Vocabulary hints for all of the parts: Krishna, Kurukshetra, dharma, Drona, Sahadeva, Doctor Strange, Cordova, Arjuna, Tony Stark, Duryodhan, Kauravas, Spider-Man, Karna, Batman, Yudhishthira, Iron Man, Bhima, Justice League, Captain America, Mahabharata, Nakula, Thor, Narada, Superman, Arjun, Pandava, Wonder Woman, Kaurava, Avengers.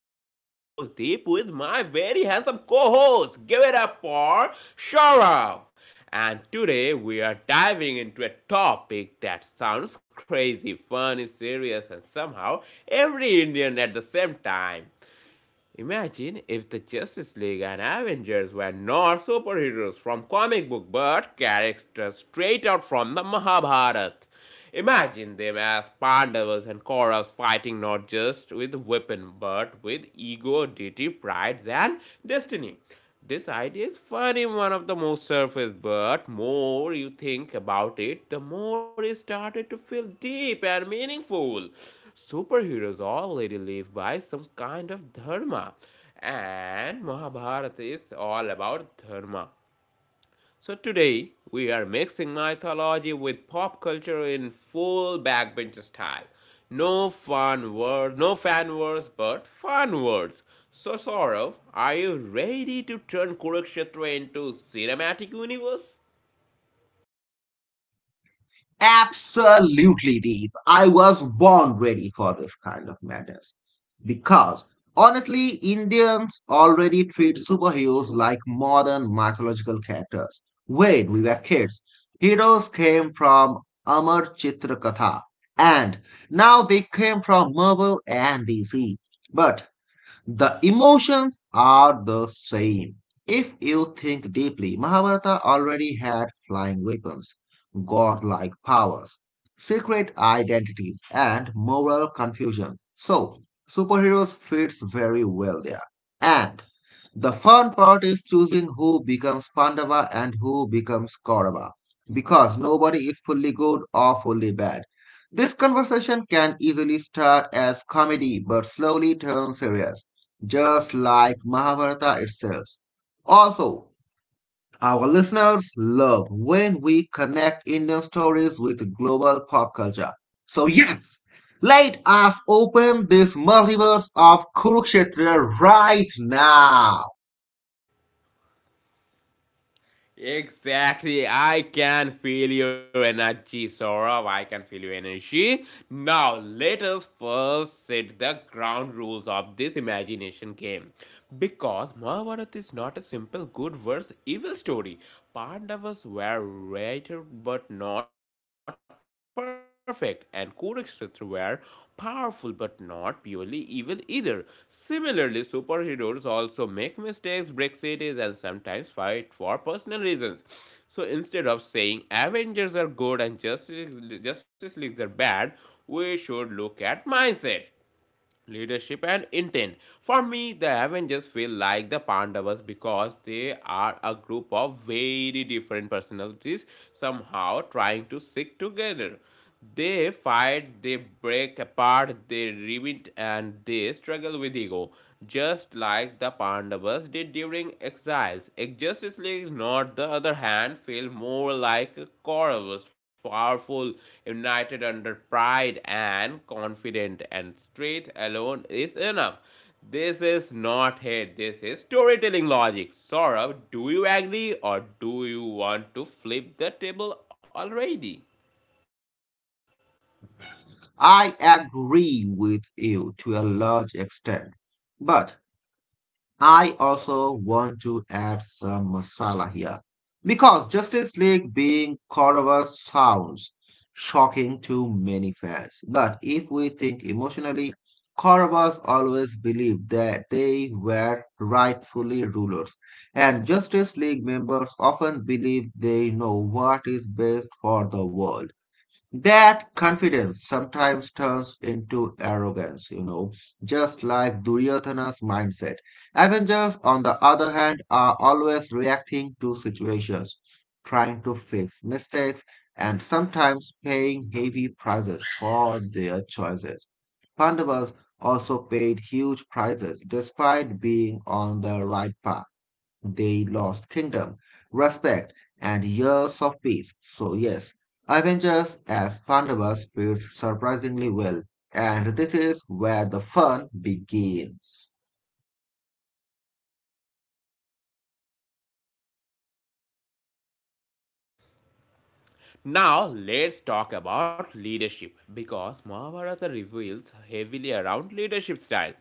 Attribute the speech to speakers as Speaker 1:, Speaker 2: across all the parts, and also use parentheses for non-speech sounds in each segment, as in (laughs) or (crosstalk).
Speaker 1: This is your host Deep with my very handsome co-host. Give it up for Sharav. And today we are diving into a topic that sounds crazy, funny, serious, and somehow every Indian at the same time. Imagine if the Justice League and Avengers were not superheroes from comic book but characters straight out from the Mahabharata. Imagine them as Pandavas and Kauravas fighting not just with weapon but with ego, duty, pride and destiny. This idea is funny, one of the most surface, but more you think about it, the more it started to feel deep and meaningful. Superheroes already live by some kind of dharma, and Mahabharata is all about dharma. So today we are mixing mythology with pop culture in full backbench style. No fun words, no fan words, but fun words. So Saurav, are you ready to turn Kurukshetra into cinematic universe?
Speaker 2: Absolutely, Deep. I was born ready for this kind of madness. Because, honestly, Indians already treat superheroes like modern mythological characters. When we were kids, heroes came from Amar Chitra Katha, and now they came from Marvel and DC. But the emotions are the same. If you think deeply, Mahabharata already had flying weapons, godlike powers, secret identities, and moral confusions. So, superheroes fits very well there. And the fun part is choosing who becomes Pandava and who becomes Kaurava, because nobody is fully good or fully bad. This conversation can easily start as comedy but slowly turn serious, just like Mahabharata itself. Also, our listeners love when we connect Indian stories with global pop culture. So, yes, let us open this multiverse of Kurukshetra right now.
Speaker 1: Exactly. I can feel your energy, Saurabh. I can feel your energy. Now, let us first set the ground rules of this imagination game. Because Mahabharata is not a simple good versus evil story. Pandavas were rated but not perfect, and Kurukshetra were powerful but not purely evil either. Similarly, superheroes also make mistakes, break cities, and sometimes fight for personal reasons. So instead of saying Avengers are good and Justice Leagues are bad, we should look at mindset, leadership, and intent. For me, the Avengers feel like the Pandavas because they are a group of very different personalities somehow trying to stick together. They fight, they break apart, they revent, and they struggle with ego just like the Pandavas did during exiles. Exjustly, not the other hand, feel more like Kauravas, powerful, united under pride and confident, and straight alone is enough. This is not hate, this is storytelling logic. Saurav, do you agree or do you want to flip the table already?
Speaker 2: I agree with you to a large extent. But I also want to add some masala here because Justice League being Cordova sounds shocking to many fans. But if we think emotionally, Cordovas always believed that they were rightfully rulers, and Justice League members often believe they know what is best for the world. That confidence sometimes turns into arrogance, you know, just like Duryodhana's mindset. Avengers, on the other hand, are always reacting to situations, trying to fix mistakes, and sometimes paying heavy prices for their choices. Pandavas also paid huge prices despite being on the right path. They lost kingdom, respect, and years of peace. So, yes, Avengers as Pandavas fits surprisingly well, and this is where the fun begins.
Speaker 1: Now let's talk about leadership because Mahabharata reveals heavily around leadership style.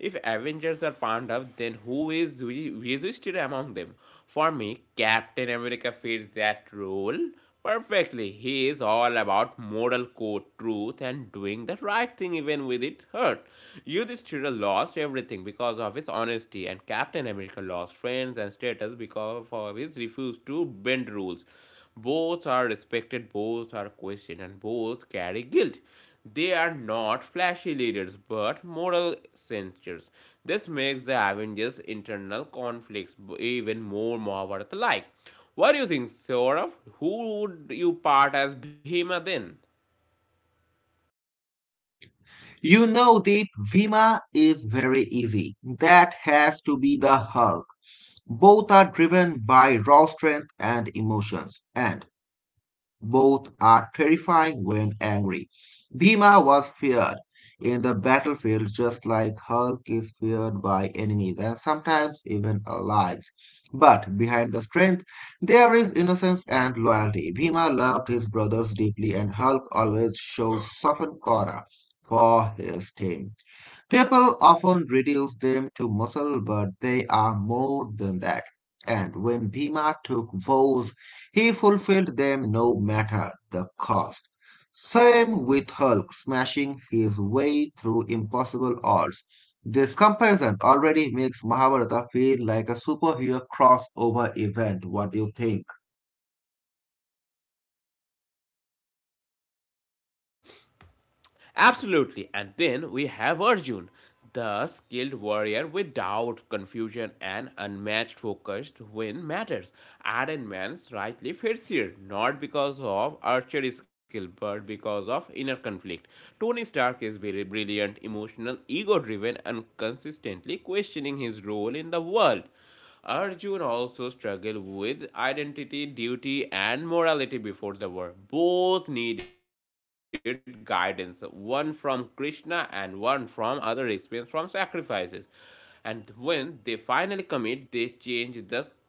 Speaker 1: If Avengers are Pandav, then who is resisted among them? For me, Captain America fits that role perfectly. He is all about moral code, truth, and doing the right thing even with it hurt. Yudhishthira lost everything because of his honesty, and Captain America lost friends and status because of his refuse to bend rules. Both are respected, both are questioned, and both carry guilt. They are not flashy leaders but moral censors. This makes the Avengers' internal conflicts even more Mahabharata like. What do you think, Saurav? Who would you part as Bhima then?
Speaker 2: You know, Deep, Vima is very easy. That has to be the Hulk. Both are driven by raw strength and emotions, and both are terrifying when angry. Bhima was feared in the battlefield just like Hulk is feared by enemies and sometimes even allies. But behind the strength, there is innocence and loyalty. Bhima loved his brothers deeply, and Hulk always shows softened corner for his team. People often reduce them to muscle, but they are more than that. And when Bhima took vows, he fulfilled them no matter the cost. Same with Hulk smashing his way through impossible odds. This comparison already makes Mahabharata feel like a superhero crossover event. What do you think?
Speaker 1: Absolutely. And then we have Arjun, the skilled warrior without confusion and unmatched focused when matters. Iron Man's rightly fits here, not because of archery skill, but because of inner conflict. Tony Stark is very brilliant, emotional, ego driven, and consistently questioning his role in the world. Arjun also struggled with identity, duty, and morality before the war. Both needed guidance, one from Krishna and one from other experience from sacrifices. And when they finally commit,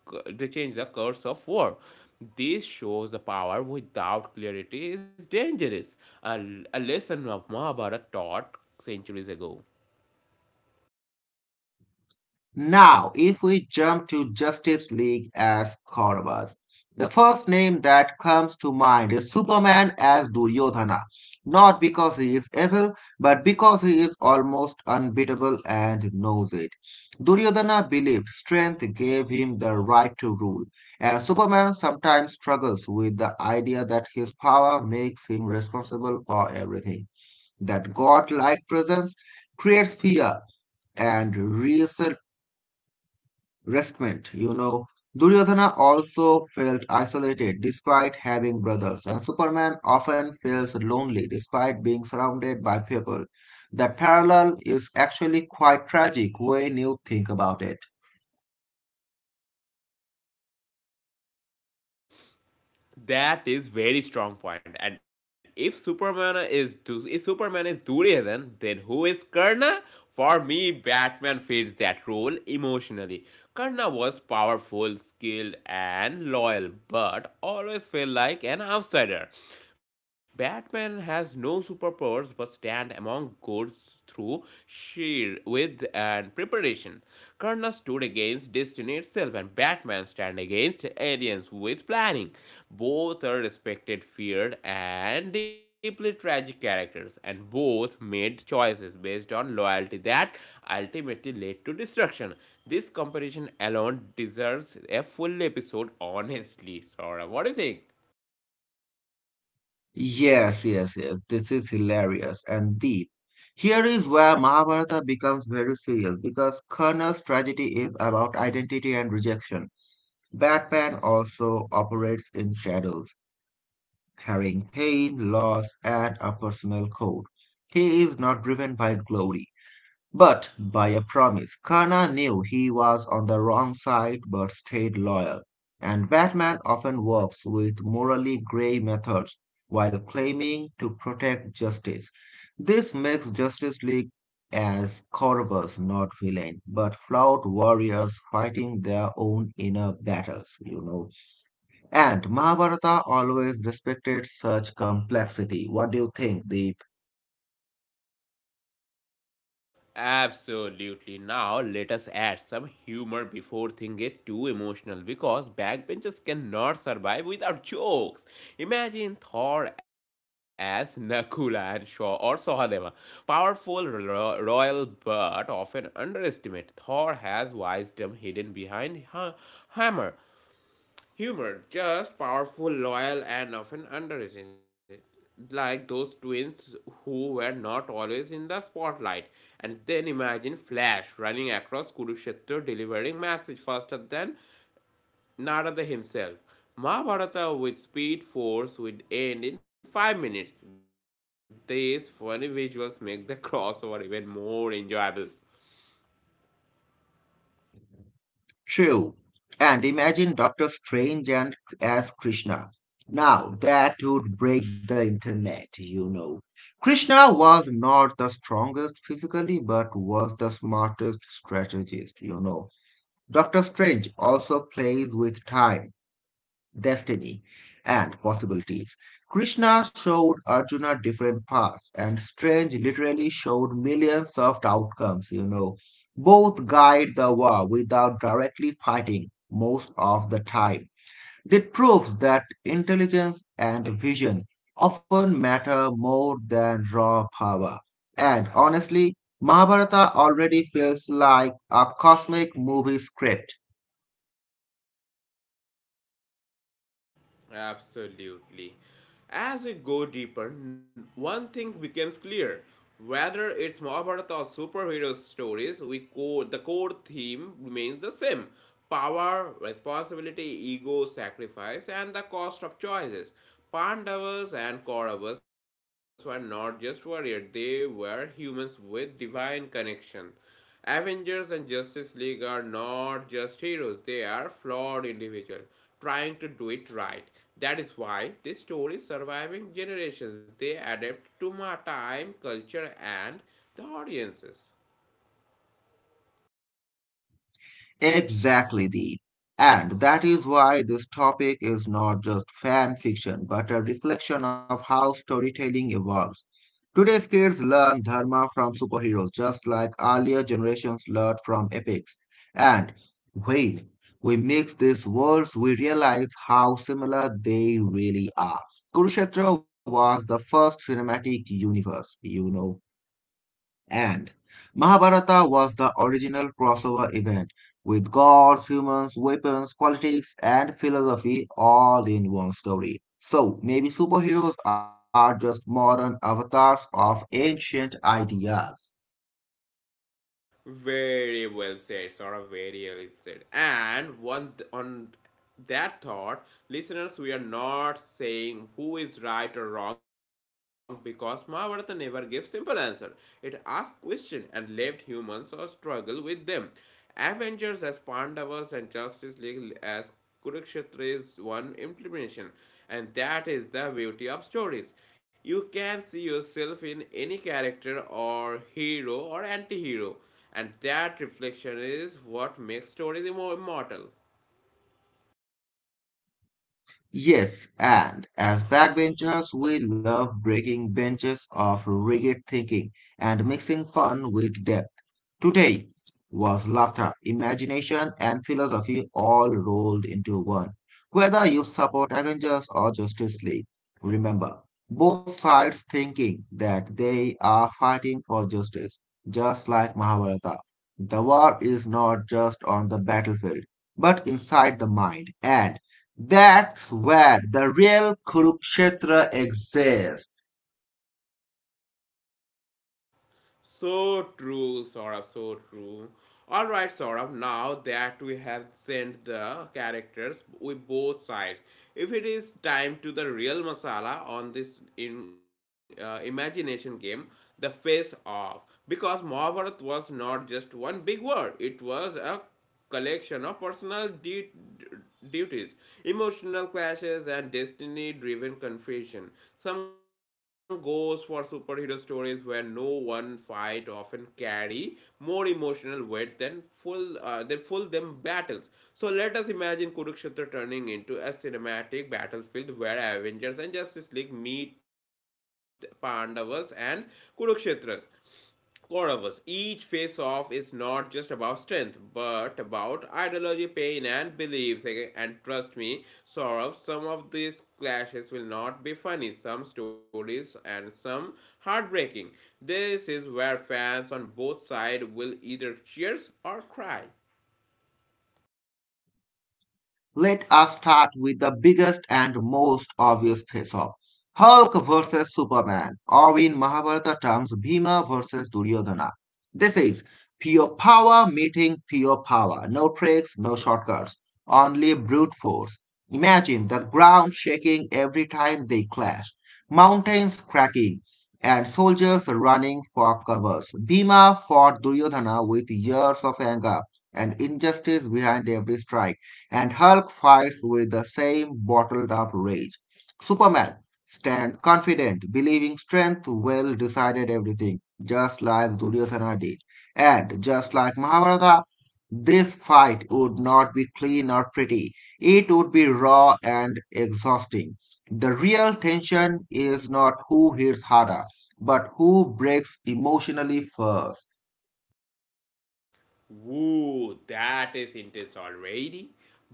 Speaker 1: they change the course of war. This shows the power without clarity is dangerous. A, a lesson of Mahabharata taught centuries ago.
Speaker 2: Now, if we jump to Justice League as Kauravas, the first name that comes to mind is Superman as Duryodhana, not because he is evil, but because he is almost unbeatable and knows it. Duryodhana believed strength gave him the right to rule, and Superman sometimes struggles with the idea that his power makes him responsible for everything. That godlike presence creates fear and restlessness, Restment, you know. Duryodhana also felt isolated despite having brothers, and Superman often feels lonely despite being surrounded by people. That parallel is actually quite tragic when you think about it.
Speaker 1: That is very strong point. And if Superman is Duryodhan, then who is Karna? For me, Batman fits that role emotionally. Karna was powerful, skilled, and loyal, but always felt like an outsider. Batman has no superpowers but stand among gods through sheer wit and preparation. Karna stood against destiny itself and Batman stand against aliens with planning. Both are respected, feared and deeply tragic characters and both made choices based on loyalty that ultimately led to destruction. This comparison alone deserves a full episode honestly. Sora, what do you think?
Speaker 2: Yes, yes, yes. This is hilarious and deep. Here is where Mahabharata becomes very serious because Karna's tragedy is about identity and rejection. Batman also operates in shadows, carrying pain, loss, and a personal code. He is not driven by glory, but by a promise. Kana knew he was on the wrong side but stayed loyal. And Batman often works with morally gray methods while claiming to protect justice. This makes Justice League as corvus, not villain, but flawed warriors fighting their own inner battles, you know. And Mahabharata always respected such complexity. What do you think, Deep?
Speaker 1: Absolutely. Now let us add some humor before things get too emotional because backbenchers cannot survive without jokes. Imagine Thor as Nakula and Shaw or Sahadeva. Powerful royal but often underestimated. Thor has wisdom hidden behind hammer. Humor, just powerful, loyal, and often underrated. Like those twins who were not always in the spotlight. And then imagine Flash running across Kurukshetra delivering message faster than Narada himself. Mahabharata with speed force would end in 5 minutes. These funny visuals make the (laughs) crossover even more enjoyable.
Speaker 2: True. And imagine Doctor Strange and as Krishna. Now that would break the internet, you know. Krishna was not the strongest physically, but was the smartest strategist, you know. Doctor Strange also plays with time, destiny, and possibilities. Krishna showed Arjuna different paths, and Strange literally showed millions of outcomes, you know. Both guide the war without directly fighting most of the time. It proves that intelligence and vision often matter more than raw power. And honestly, Mahabharata already feels like a cosmic movie script.
Speaker 1: Absolutely. As we go deeper, one thing becomes clear. Whether it's Mahabharata or superhero stories, the core theme remains the same power, responsibility, ego, sacrifice, and the cost of choices. Pandavas and Kauravas were not just warriors, they were humans with divine connection. Avengers and Justice League are not just heroes, they are flawed individuals trying to do it right. That is why this story is surviving generations. They adapt to my time, culture, and the audiences.
Speaker 2: Exactly, Deep. And that is why this topic is not just fan fiction, but a reflection of how storytelling evolves. Today's kids learn dharma from superheroes, just like earlier generations learned from epics. And when we mix these worlds, we realize how similar they really are. Kurukshetra was the first cinematic universe, you know. And Mahabharata was the original crossover event with gods, humans, weapons, politics, and philosophy all in one story. So maybe superheroes are just modern avatars of ancient ideas.
Speaker 1: Very well said, Sora. Very well said. And one on that thought, listeners, we are not saying who is right or wrong because Mahabharata never gives simple answer. It asks questions and left humans or struggle with them. Avengers as Pandavas and Justice League as Kurukshetra is one implementation, and that is the beauty of stories. You can see yourself in any character or hero or anti hero, and that reflection is what makes stories immortal.
Speaker 2: Yes, and as backbenchers, we love breaking benches of rigid thinking and mixing fun with depth. Today was laughter, imagination, and philosophy all rolled into one. Whether you support Avengers or Justice League, remember both sides thinking that they are fighting for justice, just like Mahabharata. The war is not just on the battlefield, but inside the mind, and that's where the real Kurukshetra exists.
Speaker 1: So true, Saurabh, so true. Alright, Saurabh, now that we have sent the characters with both sides, if it is time to the real masala on this in imagination game, the face off. Because Mahabharat was not just one big war, it was a collection of personal duties, emotional clashes, and destiny driven confusion. Some goes for superhero stories where no one fight often carry more emotional weight than full them battles. So let us imagine Kurukshetra turning into a cinematic battlefield where Avengers and Justice League meet Pandavas and Kurukshetras. Four of us. Each face off is not just about strength, but about ideology, pain, and beliefs. Okay, and trust me, Saurabh, some of these clashes will not be funny, some stories, and some heartbreaking. This is where fans on both sides will either cheers or cry.
Speaker 2: Let us start with the biggest and most obvious face off, Hulk versus Superman, or in Mahabharata terms, Bhima versus Duryodhana. This is pure power meeting pure power. No tricks, no shortcuts, only brute force. Imagine the ground shaking every time they clash, mountains cracking, and soldiers running for covers. Bhima fought Duryodhana with years of anger and injustice behind every strike, and Hulk fights with the same bottled up rage. Superman stands confident, believing strength will decide everything, just like Duryodhana did. And just like Mahabharata, this fight would not be clean or pretty. It would be raw and exhausting. The real tension is not who hits harder, but who breaks emotionally first.
Speaker 1: Woo, that is intense already.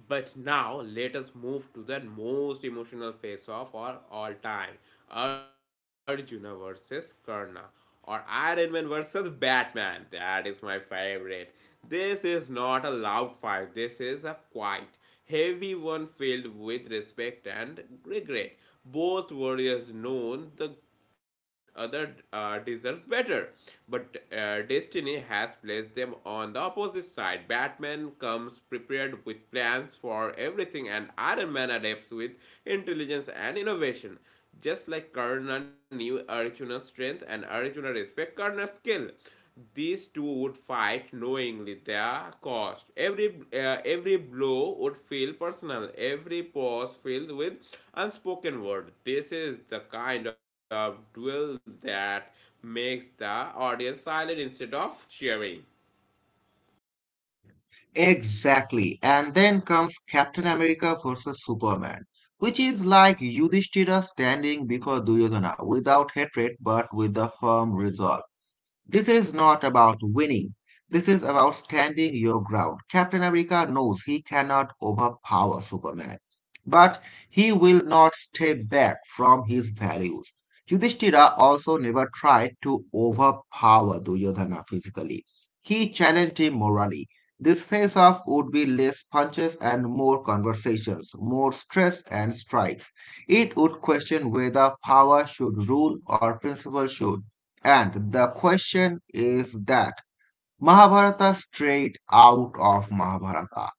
Speaker 1: But now let us move to the most emotional face off of all time Arjuna versus Karna or Iron Man versus Batman. That is my favorite. This is not a loud fight, this is a quiet, heavy one filled with respect and regret. Both warriors known the other deserves better. But destiny has placed them on the opposite side. Batman comes prepared with plans for everything, and Iron Man adapts with intelligence and innovation. Just like Karna knew Arjuna's strength and Arjuna respect Karna's skill. These two would fight knowingly their cost. Every blow would feel personal. Every pause filled with unspoken word. This is the kind of duel that makes the audience silent instead of cheering.
Speaker 2: Exactly. And then comes Captain America versus Superman, which is like Yudhishthira standing before Duryodhana without hatred but with a firm resolve. This is not about winning. This is about standing your ground. Captain America knows he cannot overpower Superman, but he will not step back from his values. Yudhishthira also never tried to overpower Duryodhana physically. He challenged him morally. This face off would be less punches and more conversations, more stress and strikes. It would question whether power should rule or principle should. And the question is that Mahabharata straight out of Mahabharata.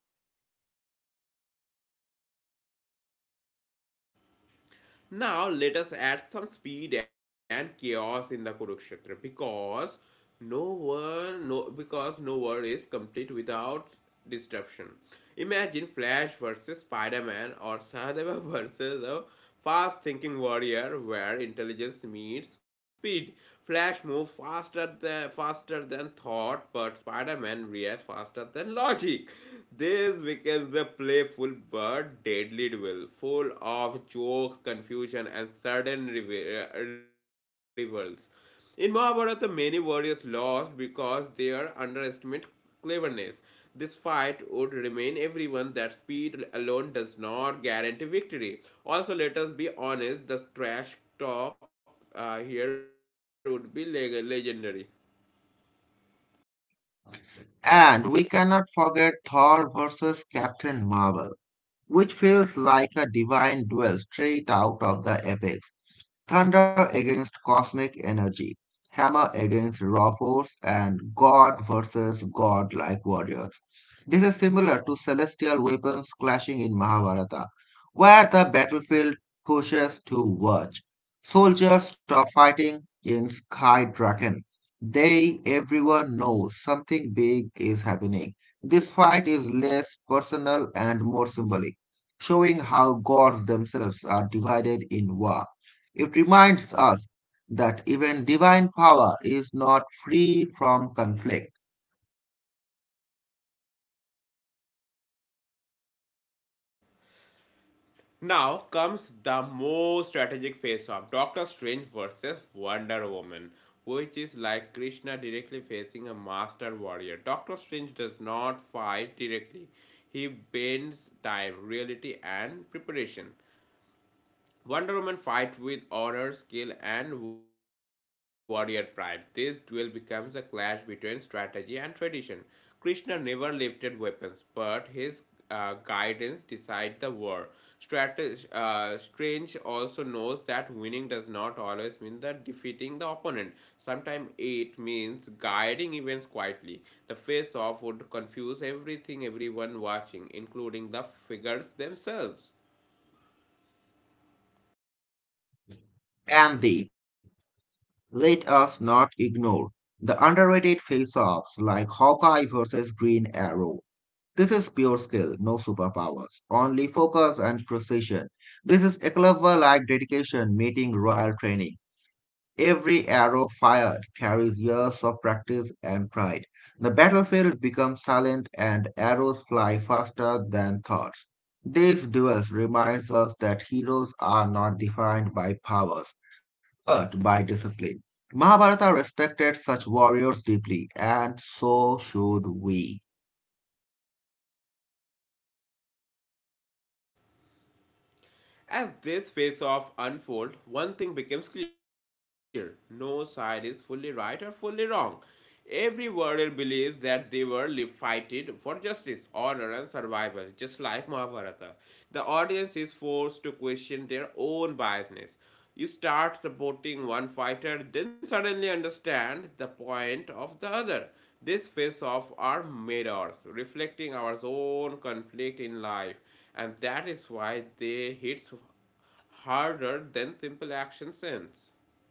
Speaker 1: Now let us add some speed and chaos in the Kurukshetra because no one no because no war is complete without disruption. Imagine Flash versus Spider-Man or Sahadeva (laughs) versus a fast-thinking warrior where intelligence meets speed. Flash moves faster than thought, but Spider-Man reacts faster than logic. This becomes a playful but deadly duel, full of jokes, confusion, and sudden revels. In Mahabharata, many warriors lost because they underestimate cleverness. This fight would remain everyone that speed alone does not guarantee victory. Also, let us be honest, the trash talk here would be legendary.
Speaker 2: And we cannot forget Thor versus Captain Marvel, which feels like a divine duel straight out of the epics. Thunder against cosmic energy, hammer against raw force, and God versus God-like warriors. This is similar to celestial weapons clashing in Mahabharata, where the battlefield pushes to verge. Soldiers stop fighting in Sky Draken. They, everyone knows something big is happening. This fight is less personal and more symbolic, showing how gods themselves are divided in war. It reminds us that even divine power is not free from conflict.
Speaker 1: Now comes the most strategic face-off: Doctor Strange versus Wonder Woman, which is like Krishna directly facing a master warrior. Doctor Strange does not fight directly, he bends time, reality, and preparation. Wonder Woman fights with honor, skill, and warrior pride. This duel becomes a clash between strategy and tradition. Krishna never lifted weapons, but his guidance decides the war. Strange also knows that winning does not always mean the defeating the opponent. Sometimes it means guiding events quietly. The face-off would confuse everything, everyone watching, including the figures themselves.
Speaker 2: And the let us not ignore the underrated face offs like Hawkeye versus Green Arrow. This is pure skill, no superpowers, only focus and precision. This is a clever like dedication meeting royal training. Every arrow fired carries years of practice and pride. The battlefield becomes silent and arrows fly faster than thoughts. These duels reminds us that heroes are not defined by powers, but by discipline. Mahabharata respected such warriors deeply, and so should we.
Speaker 1: As this face off unfolds, one thing becomes clear no side is fully right or fully wrong. Every warrior believes that they were fighting for justice, honor, and survival, just like Mahabharata. The audience is forced to question their own biasness. You start supporting one fighter, then suddenly understand the point of the other. These face offs are mirrors, reflecting our own conflict in life and that is why they hit harder than simple action sends.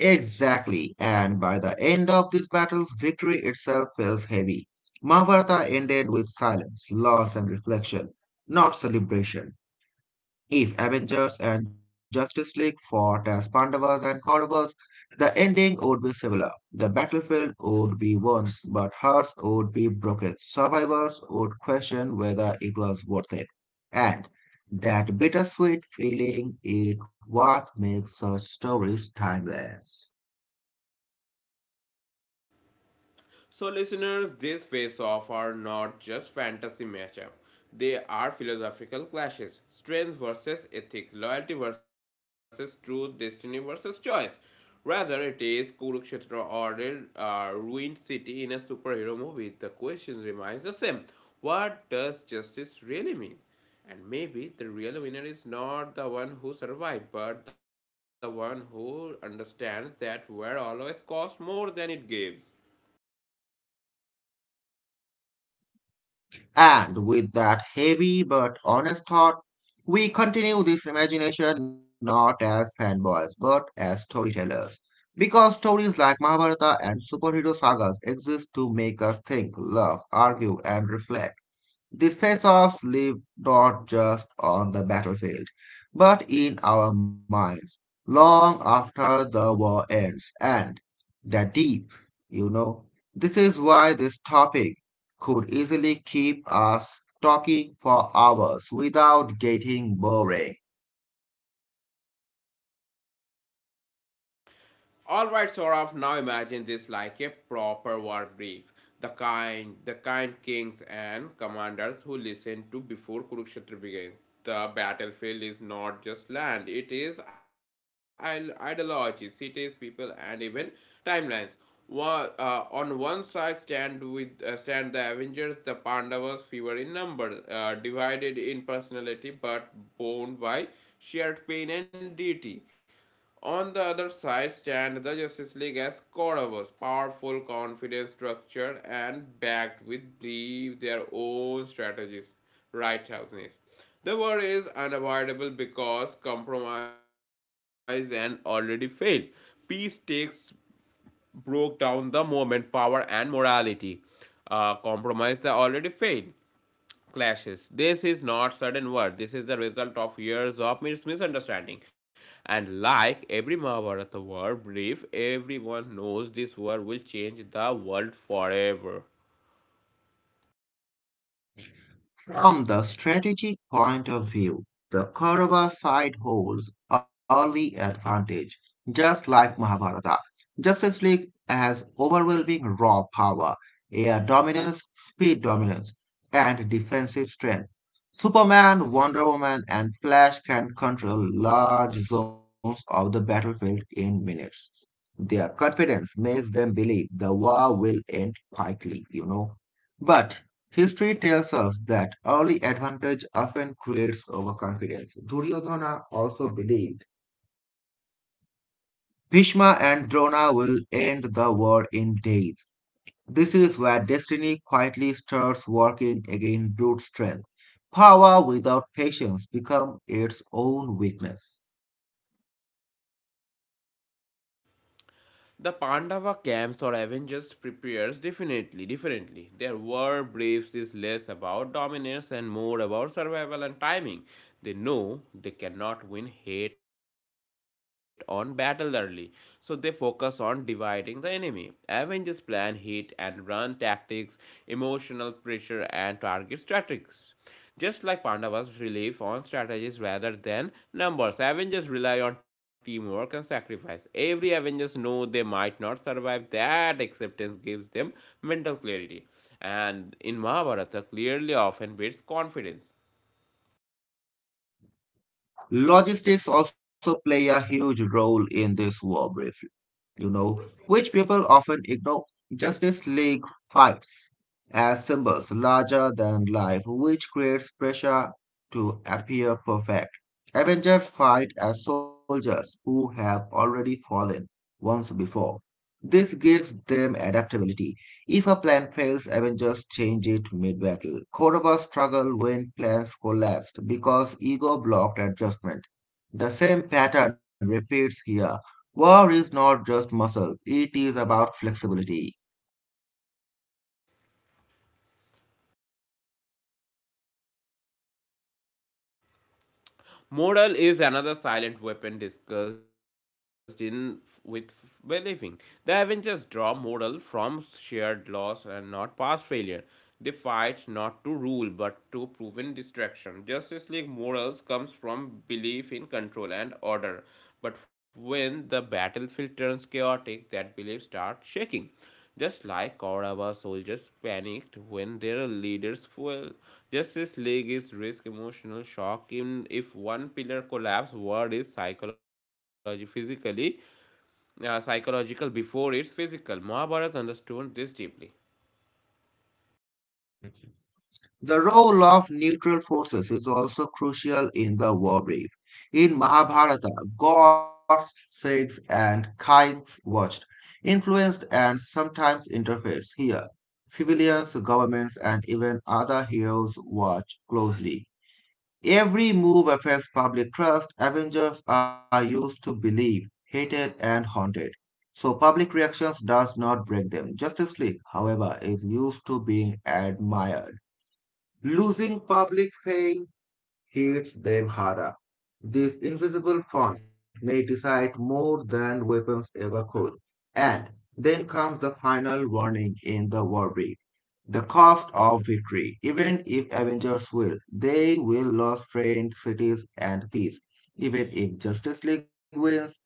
Speaker 2: Exactly, and by the end of these battles, victory itself feels heavy. Mahabharata ended with silence, loss, and reflection, not celebration. If Avengers and Justice League fought as Pandavas and Kauravas, the ending would be similar. The battlefield would be won, but hearts would be broken. Survivors would question whether it was worth it. And that bittersweet feeling is what makes such stories timeless.
Speaker 1: So, listeners, these face offs are not just fantasy matchups; they are philosophical clashes, strength versus ethics, loyalty versus truth, destiny versus choice. Rather, it is Kurukshetra or a ruined city in a superhero movie. The question remains the same what does justice really mean? And maybe the real winner is not the one who survived, but the one who understands that war always costs more than it gives.
Speaker 2: And with that heavy but honest thought, we continue this imagination not as fanboys but as storytellers. Because stories like Mahabharata and superhero sagas exist to make us think, love, argue, and reflect. These face offs live not just on the battlefield, but in our minds, long after the war ends. And that, deep, you know. This is why this topic could easily keep us talking for hours without getting boring.
Speaker 1: Alright, Saurav, now imagine this like a proper war brief. The kind kings and commanders who listened to before Kurukshetra begins. The battlefield is not just land, it is ideology, cities, people, and even timelines. On one side stand the Avengers, the Pandavas, fewer in number, divided in personality but bound by shared pain and duty. On the other side stand the Justice League as Corvus, powerful, confident, structured, and backed with believe their own strategies, righteousness. The war is unavoidable because compromise and already failed. Peace takes broke down the movement, power, and morality. Compromise the already failed clashes. This is not sudden war. This is the result of years of misunderstanding. And like every Mahabharata war brief, everyone knows this war will change the world forever.
Speaker 2: From the strategic point of view, the Kaurava side holds early advantage, just like Mahabharata. Justice League has overwhelming raw power, air dominance, speed dominance, and defensive strength. Superman, Wonder Woman, and Flash can control large zones of the battlefield in minutes. Their confidence makes them believe the war will end quickly, you know. But history tells us that early advantage often creates overconfidence. Duryodhana also believed Bhishma and Drona will end the war in days. This is where destiny quietly starts working against brute strength. Power without patience becomes its own weakness.
Speaker 1: The Pandava camps or Avengers prepares definitely differently. Their war briefs is less about dominance and more about survival and timing. They know they cannot win hate on battle early, so they focus on dividing the enemy. Avengers plan hit and run tactics, emotional pressure, and target strategies. Just like Pandavas rely on strategies rather than numbers, Avengers rely on teamwork and sacrifice. Every Avengers know they might not survive. That acceptance gives them mental clarity. And in Mahabharata, clearly often builds confidence.
Speaker 2: Logistics also play a huge role in this war brief, you know, which people often ignore. Justice League fights as symbols larger than life, which creates pressure to appear perfect. Avengers fight as soldiers who have already fallen once before. This gives them adaptability. If a plan fails, Avengers change it mid battle. Korova struggle when plans collapsed because ego blocked adjustment. The same pattern repeats here. War is not just muscle, it is about flexibility.
Speaker 1: Moral is another silent weapon discussed in with believing. The Avengers draw moral from shared loss and not past failure. They fight not to rule but to proven destruction. Justice League morals comes from belief in control and order. But when the battlefield turns chaotic, that belief starts shaking. Just like Kaurava soldiers panicked when their leaders fell, Justice League is risk emotional shock. In if one pillar collapse, world is psychology physically, psychological before it's physical. Mahabharata understood this deeply.
Speaker 2: The role of neutral forces is also crucial in the war brief. In Mahabharata, gods, Sikhs, and kings watched, influenced, and sometimes interfered. Here, civilians, governments, and even other heroes watch closely. Every move affects public trust. Avengers are used to believe, hated, and haunted. So public reactions does not break them. Justice League, however, is used to being admired. Losing public faith hits them harder. This invisible force may decide more than weapons ever could. And then comes the final warning in the war brief. The cost of victory. Even if Avengers will, they will lose friends, cities, and peace. Even if Justice League wins,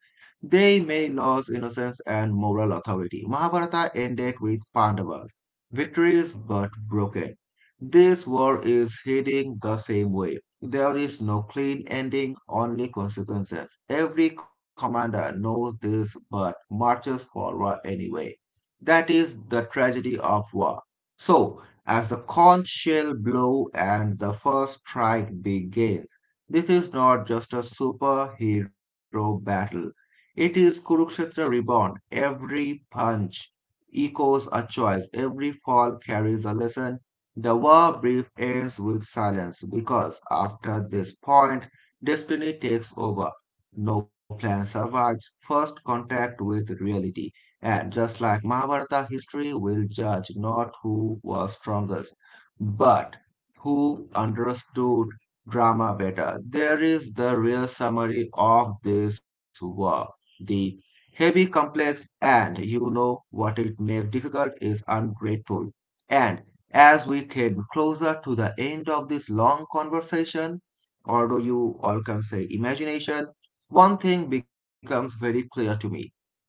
Speaker 2: they may lose innocence and moral authority. Mahabharata ended with Pandavas. Victories but broken. This war is heading the same way. There is no clean ending, only consequences. Every commander knows this but marches forward anyway. That is the tragedy of war. So, as the conch shell blow and the first strike begins, this is not just a superhero battle. It is Kurukshetra reborn. Every punch echoes a choice. Every fall carries a lesson. The war brief ends with silence because after this point, destiny takes over. No plan survives first contact with reality. And just like Mahabharata, history will judge not who was strongest, but who understood drama better. There is the real summary of this war. The heavy, complex, and you know what it makes difficult is ungrateful. And as we came closer to the end of this long conversation, although you all can say imagination, one thing becomes very clear to me.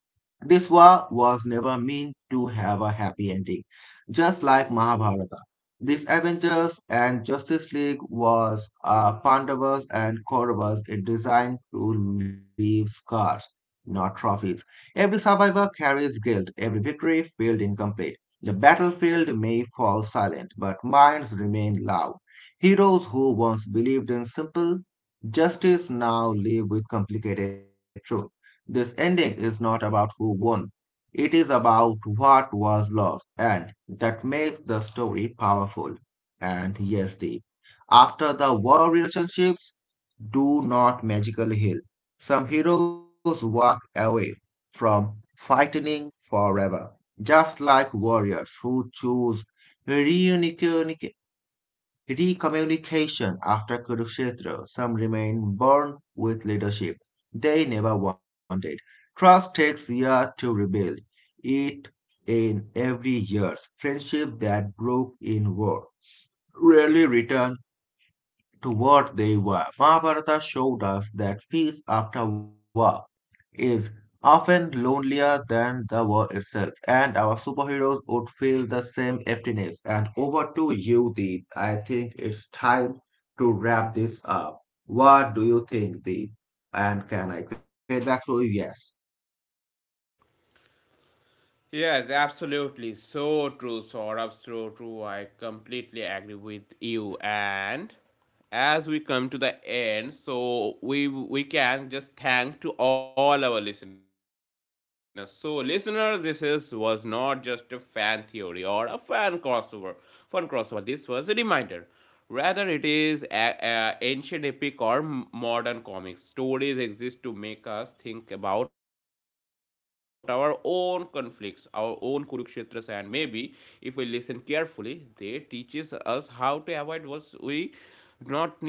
Speaker 2: This war was never meant to have a happy ending, just like Mahabharata. These Avengers and Justice League was Pandavas and Kauravas it designed to leave scars, not trophies. Every survivor carries guilt, every victory felt incomplete. The battlefield may fall silent, but minds remain loud. Heroes who once believed in simple justice now live with complicated truth. This ending is not about who won, it is about what was lost, and that makes the story powerful. And yes, Deep, after the war, relationships do not magically heal. Some heroes walk away from fighting forever, just like warriors who choose reunification recommunication after Kurukshetra, some remain born with leadership they never wanted. Trust takes years to rebuild. It in every years. Friendship that broke in war rarely return to what they were. Mahabharata showed us that peace after war is often lonelier than the war itself, and our superheroes would feel the same emptiness. And over to you, Deep. I think it's time to wrap this up. What do you think, Deep? And can I get back to you? Yes.
Speaker 1: Yes, absolutely. So true, Saurabh. So true. I completely agree with you. And as we come to the end, so we can just thank to all our listeners. So, listeners, this is was not just a fan theory or a fan crossover. Fun crossover. This was a reminder rather, it is a ancient epic or modern comics. Stories exist to make us think about our own conflicts, our own Kurukshetras, and maybe if we listen carefully, they teaches us how to avoid what we do not need to fight.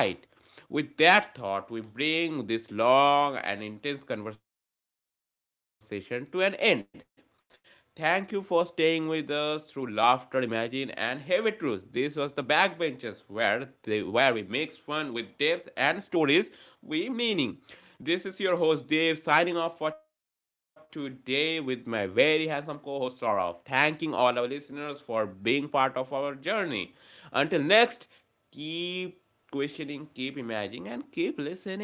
Speaker 1: With that thought, we bring this long and intense conversation to an end. Thank you for staying with us through laughter, imagine, and heavy truths. This was the backbenches where we mix fun with depth and stories with meaning. This is your host Dave signing off for today with my very handsome co-host Saurav. Thanking all our listeners for being part of our journey. Until next, keep questioning, keep imagining, and keep listening.